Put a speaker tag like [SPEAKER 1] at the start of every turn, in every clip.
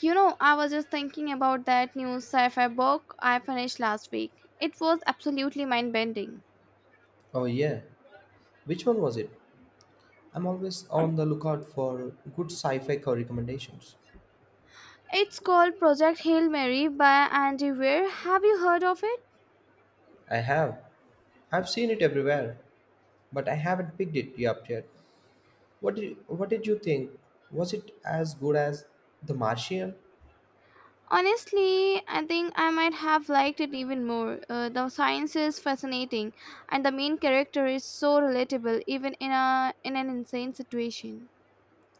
[SPEAKER 1] You know, I was just thinking about that new sci fi book I finished last week. It was absolutely mind bending.
[SPEAKER 2] Oh yeah, which one was it? I'm always on the lookout for good recommendations.
[SPEAKER 1] It's called Project Hail Mary by Andy Weir. Have you heard of it?
[SPEAKER 2] I have, I've seen it everywhere, but I haven't picked it up yet. What did you think? Was it as good as The Martian?
[SPEAKER 1] Honestly, I think I might have liked it even more. The science is fascinating, and the main character is so relatable, even in a in an insane situation.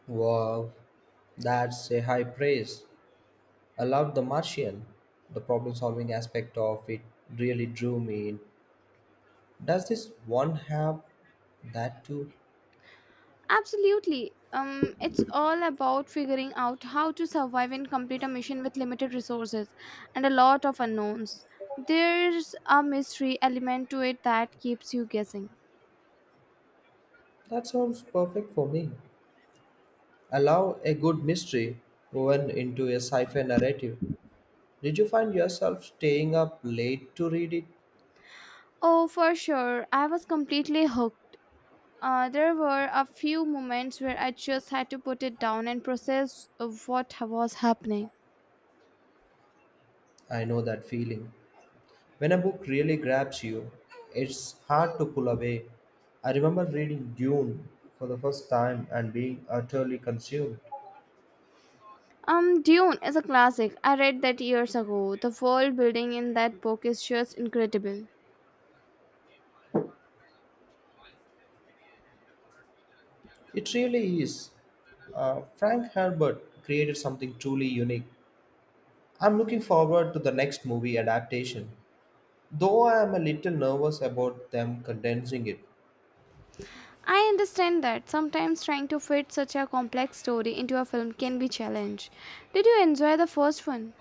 [SPEAKER 2] Wow, that's a high praise. I loved The Martian. The problem-solving aspect of it really drew me in. Does this one have that too?
[SPEAKER 1] Absolutely. It's all about figuring out how to survive and complete a mission with limited resources and a lot of unknowns. There's a mystery element to it that keeps you guessing.
[SPEAKER 2] That sounds perfect for me. Allow a good mystery woven into a sci-fi narrative. Did you find yourself staying up late to read it?
[SPEAKER 1] Oh, for sure. I was completely hooked. There were a few moments where I just had to put it down and process of was happening.
[SPEAKER 2] I know that feeling. When a book really grabs you, it's hard to pull away. I remember reading Dune for the first time and being utterly consumed.
[SPEAKER 1] Dune is a classic. I read that years ago. The world building in that book is just incredible.
[SPEAKER 2] It really is. Frank Herbert created something truly unique. I'm looking forward to the next movie adaptation, though I am a little nervous about them condensing it.
[SPEAKER 1] I understand that sometimes trying to fit such a complex story into a film can be challenge. Did you enjoy the first one?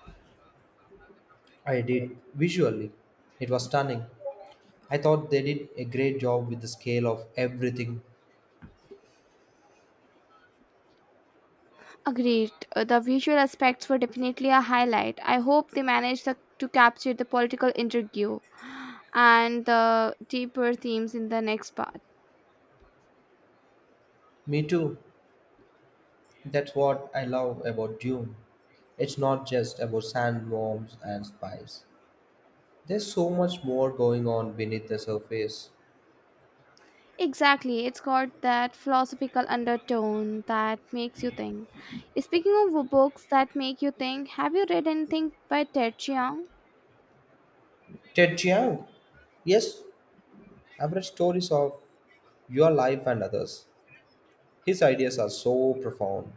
[SPEAKER 2] I did. Visually, it was stunning. I thought they did a great job with the scale of everything.
[SPEAKER 1] Agreed. The visual aspects were definitely a highlight. I hope they managed to capture the political intrigue and the deeper themes in the next part.
[SPEAKER 2] Me too. That's what I love about Dune. It's not just about sandworms and spies. There's so much more going on beneath the surface.
[SPEAKER 1] Exactly, it's got that philosophical undertone that makes you think. Speaking of books that make you think, have you read anything by Ted Chiang?
[SPEAKER 2] Ted Chiang. Yes, I've read stories of your life and others. His ideas are so profound.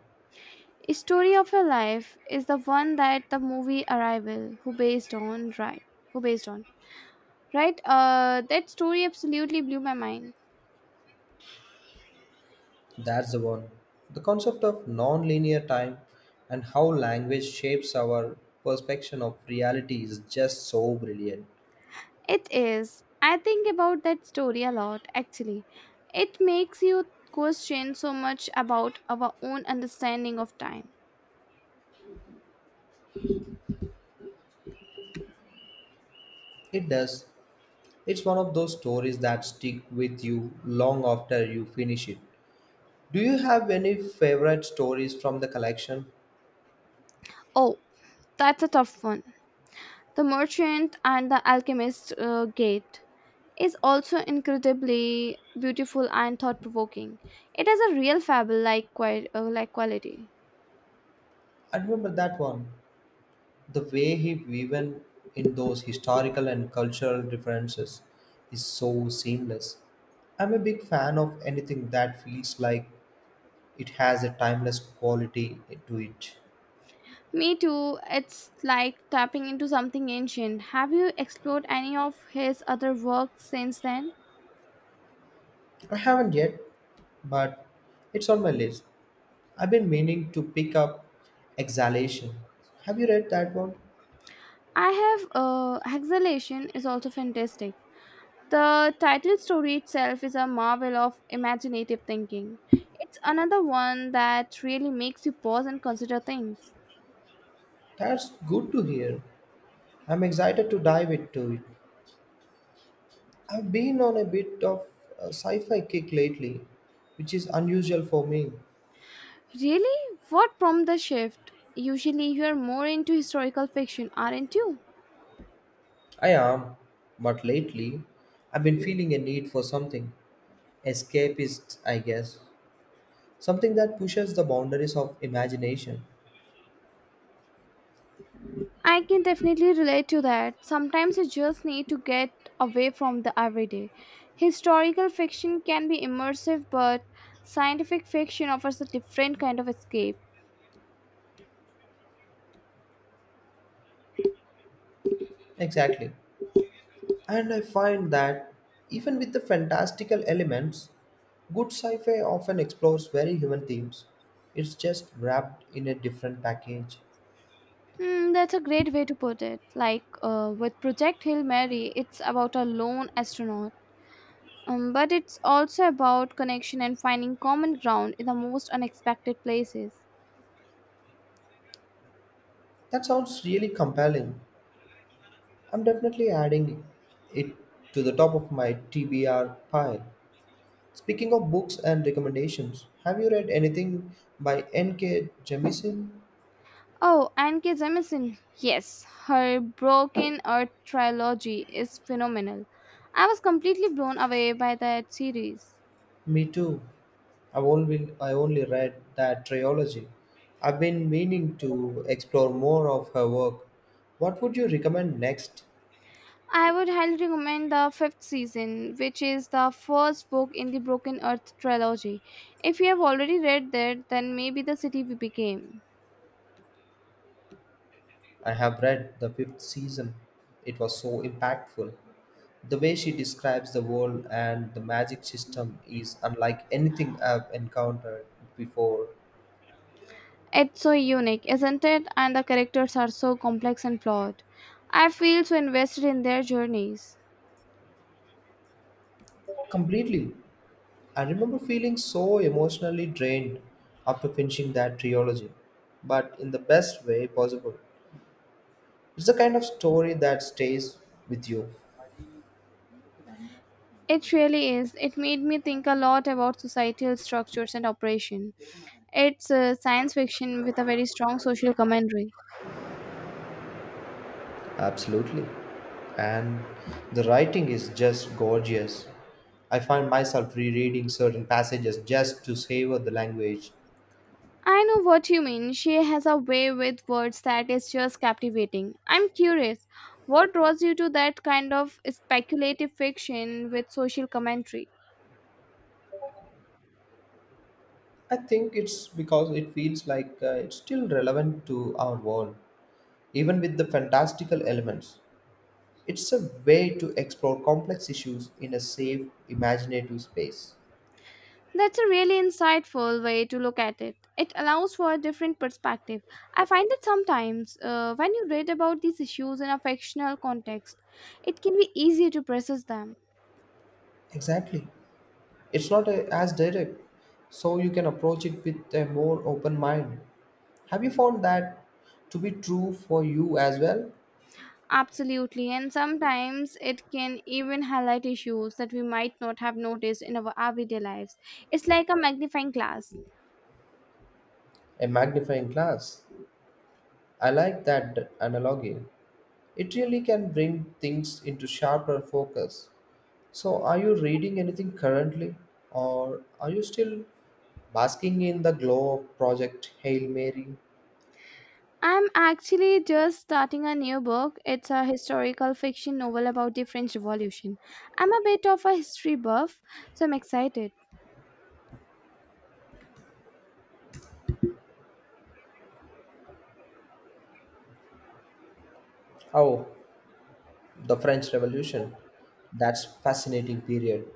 [SPEAKER 1] Story of Your Life is the one that the movie Arrival who based on right who based on right That story absolutely blew my mind.
[SPEAKER 2] That's the one. The concept of non-linear time and how language shapes our perception of reality is just so brilliant.
[SPEAKER 1] It is. I think about that story a lot actually. It makes you question so much about our own understanding of time.
[SPEAKER 2] It does. It's one of those stories that stick with you long after you finish it. Do you have any favorite stories from the collection?
[SPEAKER 1] Oh, that's a tough one. The Merchant and the Alchemist Gate is also incredibly beautiful and thought provoking. It has a real fable like quality.
[SPEAKER 2] I remember that one. The way he woven in those historical and cultural references is so seamless. I'm a big fan of anything that feels like it has a timeless quality to it.
[SPEAKER 1] Me too. It's like tapping into something ancient. Have you explored any of his other works since then?
[SPEAKER 2] I haven't yet, but it's on my list. I've been meaning to pick up Exhalation. Have you read that one?
[SPEAKER 1] I have. Exhalation is also fantastic. The title story itself is a marvel of imaginative thinking. It's another one that really makes you pause and consider things.
[SPEAKER 2] That's good to hear. I'm excited to dive into it. I've been on a bit of a sci-fi kick lately, which is unusual for me.
[SPEAKER 1] Really? What prompted the shift? Usually, you're more into historical fiction, aren't you?
[SPEAKER 2] I am, but lately I've been feeling a need for something escapist, I guess. Something that pushes the boundaries of imagination.
[SPEAKER 1] I can definitely relate to that. Sometimes you just need to get away from the everyday. Historical fiction can be immersive, but scientific fiction offers a different kind of escape.
[SPEAKER 2] Exactly. And I find that even with the fantastical elements, good sci fi often explores very human themes. It's just wrapped in a different package.
[SPEAKER 1] Hmm, that's a great way to put it. With Project Hail Mary, it's about a lone astronaut. But it's also about connection and finding common ground in the most unexpected places.
[SPEAKER 2] That sounds really compelling. I'm definitely adding it to the top of my TBR pile. Speaking of books and recommendations, have you read anything by N.K. Jemisin?
[SPEAKER 1] Oh, Anke Jemison. Yes, her Broken Earth trilogy is phenomenal. I was completely blown away by that series.
[SPEAKER 2] Me too. I only read that trilogy. I've been meaning to explore more of her work. What would you recommend next?
[SPEAKER 1] I would highly recommend the fifth season, which is the first book in the Broken Earth trilogy. If you have already read that, then maybe The City We Became.
[SPEAKER 2] I have read the fifth season. It was so impactful. The way she describes the world and the magic system is unlike anything I've encountered before.
[SPEAKER 1] It's so unique, isn't it? And the characters are so complex and flawed. I feel so invested in their journeys.
[SPEAKER 2] Completely. I remember feeling so emotionally drained after finishing that trilogy, but in the best way possible. It's the kind of story that stays with you.
[SPEAKER 1] It really is. It made me think a lot about societal structures and operation. It's science fiction with a very strong social commentary.
[SPEAKER 2] Absolutely. And the writing is just gorgeous. I find myself rereading certain passages just to savor the language.
[SPEAKER 1] I know what you mean. She has a way with words that is just captivating. I'm curious, what draws you to that kind of speculative fiction with social commentary?
[SPEAKER 2] I think it's because it feels like it's still relevant to our world, even with the fantastical elements. It's a way to explore complex issues in a safe, imaginative space.
[SPEAKER 1] That's a really insightful way to look at it. It allows for a different perspective. I find that sometimes, when you read about these issues in a fictional context, it can be easier to process them.
[SPEAKER 2] Exactly. It's not a, as direct, so you can approach it with a more open mind. Have you found that to be true for you as well?
[SPEAKER 1] Absolutely, and sometimes it can even highlight issues that we might not have noticed in our everyday lives. It's like a magnifying glass.
[SPEAKER 2] A magnifying glass. I like analogy. It really can bring things into sharper focus. So, are you reading anything currently, or are you still basking in the glow of Project Hail Mary?
[SPEAKER 1] I'm actually just starting a new book. It's a historical fiction novel about the French Revolution. I'm a bit of a history buff, so I'm excited.
[SPEAKER 2] Oh, the French Revolution. That's fascinating period.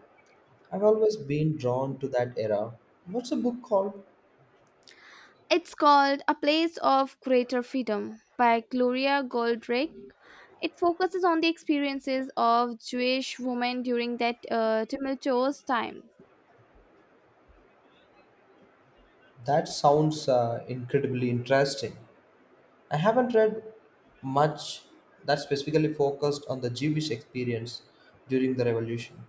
[SPEAKER 2] I've always been drawn to that era. What's a book called?
[SPEAKER 1] It's called A Place of Greater Freedom by Gloria Goldrick. It focuses on the experiences of Jewish women during that tumultuous time.
[SPEAKER 2] That sounds incredibly interesting. I haven't read much that specifically focused on the Jewish experience during the revolution.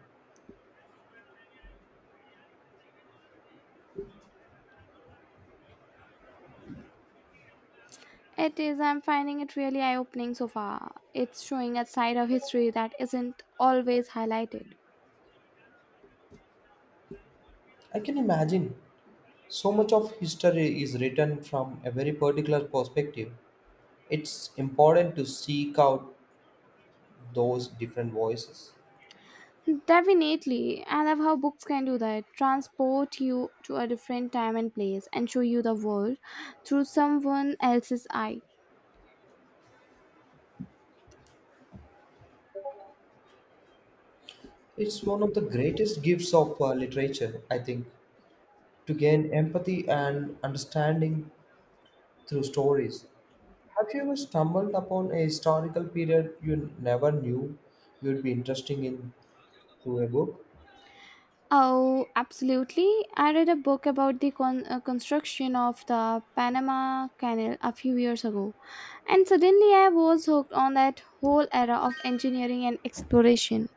[SPEAKER 1] It is, I'm finding it really eye opening so far. It's showing a side of history that isn't always highlighted.
[SPEAKER 2] I can imagine so much of history is written from a very particular perspective. It's important to seek out those different voices.
[SPEAKER 1] Definitely, I love how books can do that transport you to a different time and place and show you the world through someone else's eye.
[SPEAKER 2] It's one of the greatest gifts of literature, I think, to gain empathy and understanding through stories. Have you ever stumbled upon a historical period you never knew you'd be interested in through a book?
[SPEAKER 1] Oh, absolutely. I read a book about the construction of the Panama Canal a few years ago, and suddenly I was hooked on that whole era of engineering and exploration.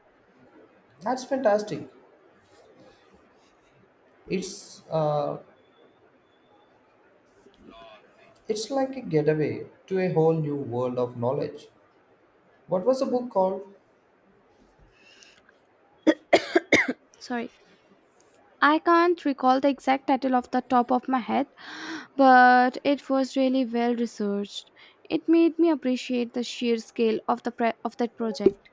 [SPEAKER 2] That's fantastic. It's uh, it's like a getaway to a whole new world of knowledge. What was the book called?
[SPEAKER 1] Sorry, I can't recall the exact title off the top of my head, but it was really well researched. It made me appreciate the sheer scale of of that project.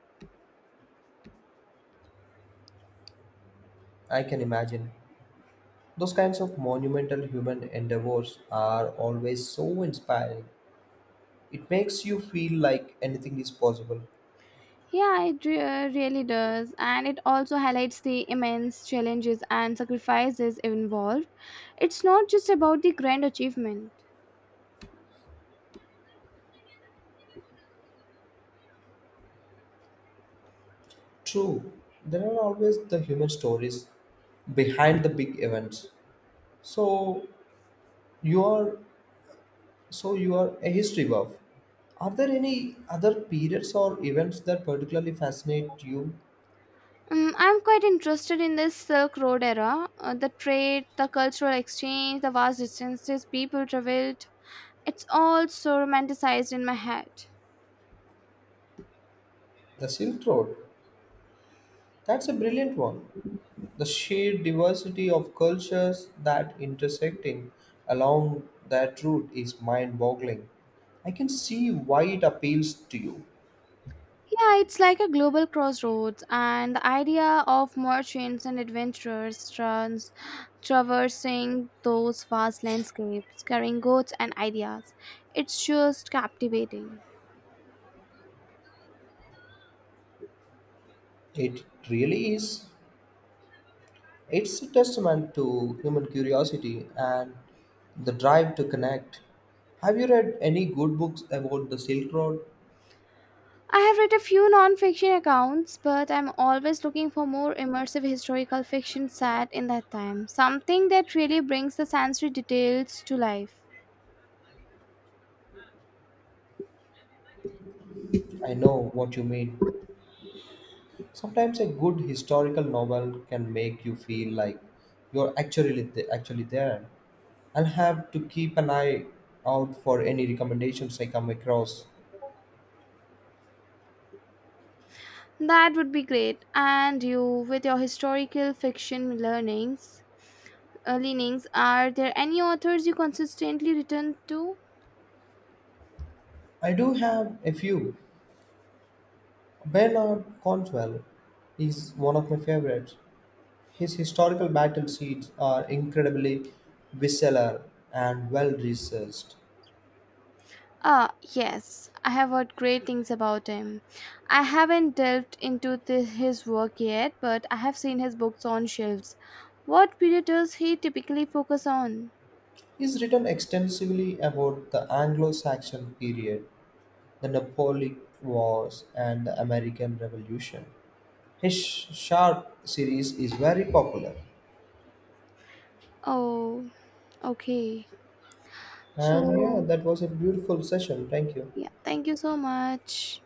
[SPEAKER 2] I can imagine. Those kinds of monumental human endeavors are always so inspiring. It makes you feel like anything is possible.
[SPEAKER 1] Yeah, it really does. And it also highlights the immense challenges and sacrifices involved. It's not just about the grand achievement.
[SPEAKER 2] True, there are always the human stories behind the big events. So you are so you are a history buff. Are there any other periods or events that particularly fascinate you?
[SPEAKER 1] I'm quite interested in this Silk Road era, the trade, the cultural exchange, the vast distances people traveled. It's all so romanticized in my head.
[SPEAKER 2] The Silk Road, that's a brilliant one. The sheer diversity of cultures that intersecting along that route is mind boggling. I can see why it appeals to you.
[SPEAKER 1] Yeah, it's like a global crossroads, and the idea of merchants and adventurers traversing those vast landscapes, carrying goods and ideas. It's just captivating.
[SPEAKER 2] It really is. It's a testament to human curiosity and the drive to connect. Have you read any good books about the Silk Road?
[SPEAKER 1] I have read a few non-fiction accounts, but I'm always looking for more immersive historical fiction set in that time. Something that really brings the sensory details to life.
[SPEAKER 2] I know what you mean. Sometimes a good historical novel can make you feel like actually there. I'll have to keep an eye out for any recommendations I come across.
[SPEAKER 1] That would be great. And you, with your historical fiction leanings, are there any authors you consistently return to?
[SPEAKER 2] I do have a few. Bernard Cornwell is one of my favorites. His historical battle scenes are incredibly visceral and well researched.
[SPEAKER 1] Ah, yes, I have heard great things about him. I haven't delved into his work yet, but I have seen his books on shelves. What period does he typically focus on?
[SPEAKER 2] He's written extensively about the Anglo Saxon period, the Napoleonic Wars, and the American Revolution. His Sharp series is very popular.
[SPEAKER 1] Oh, okay.
[SPEAKER 2] And yeah,
[SPEAKER 1] So,
[SPEAKER 2] that was a beautiful session. Thank you.
[SPEAKER 1] yeah, thank you so much.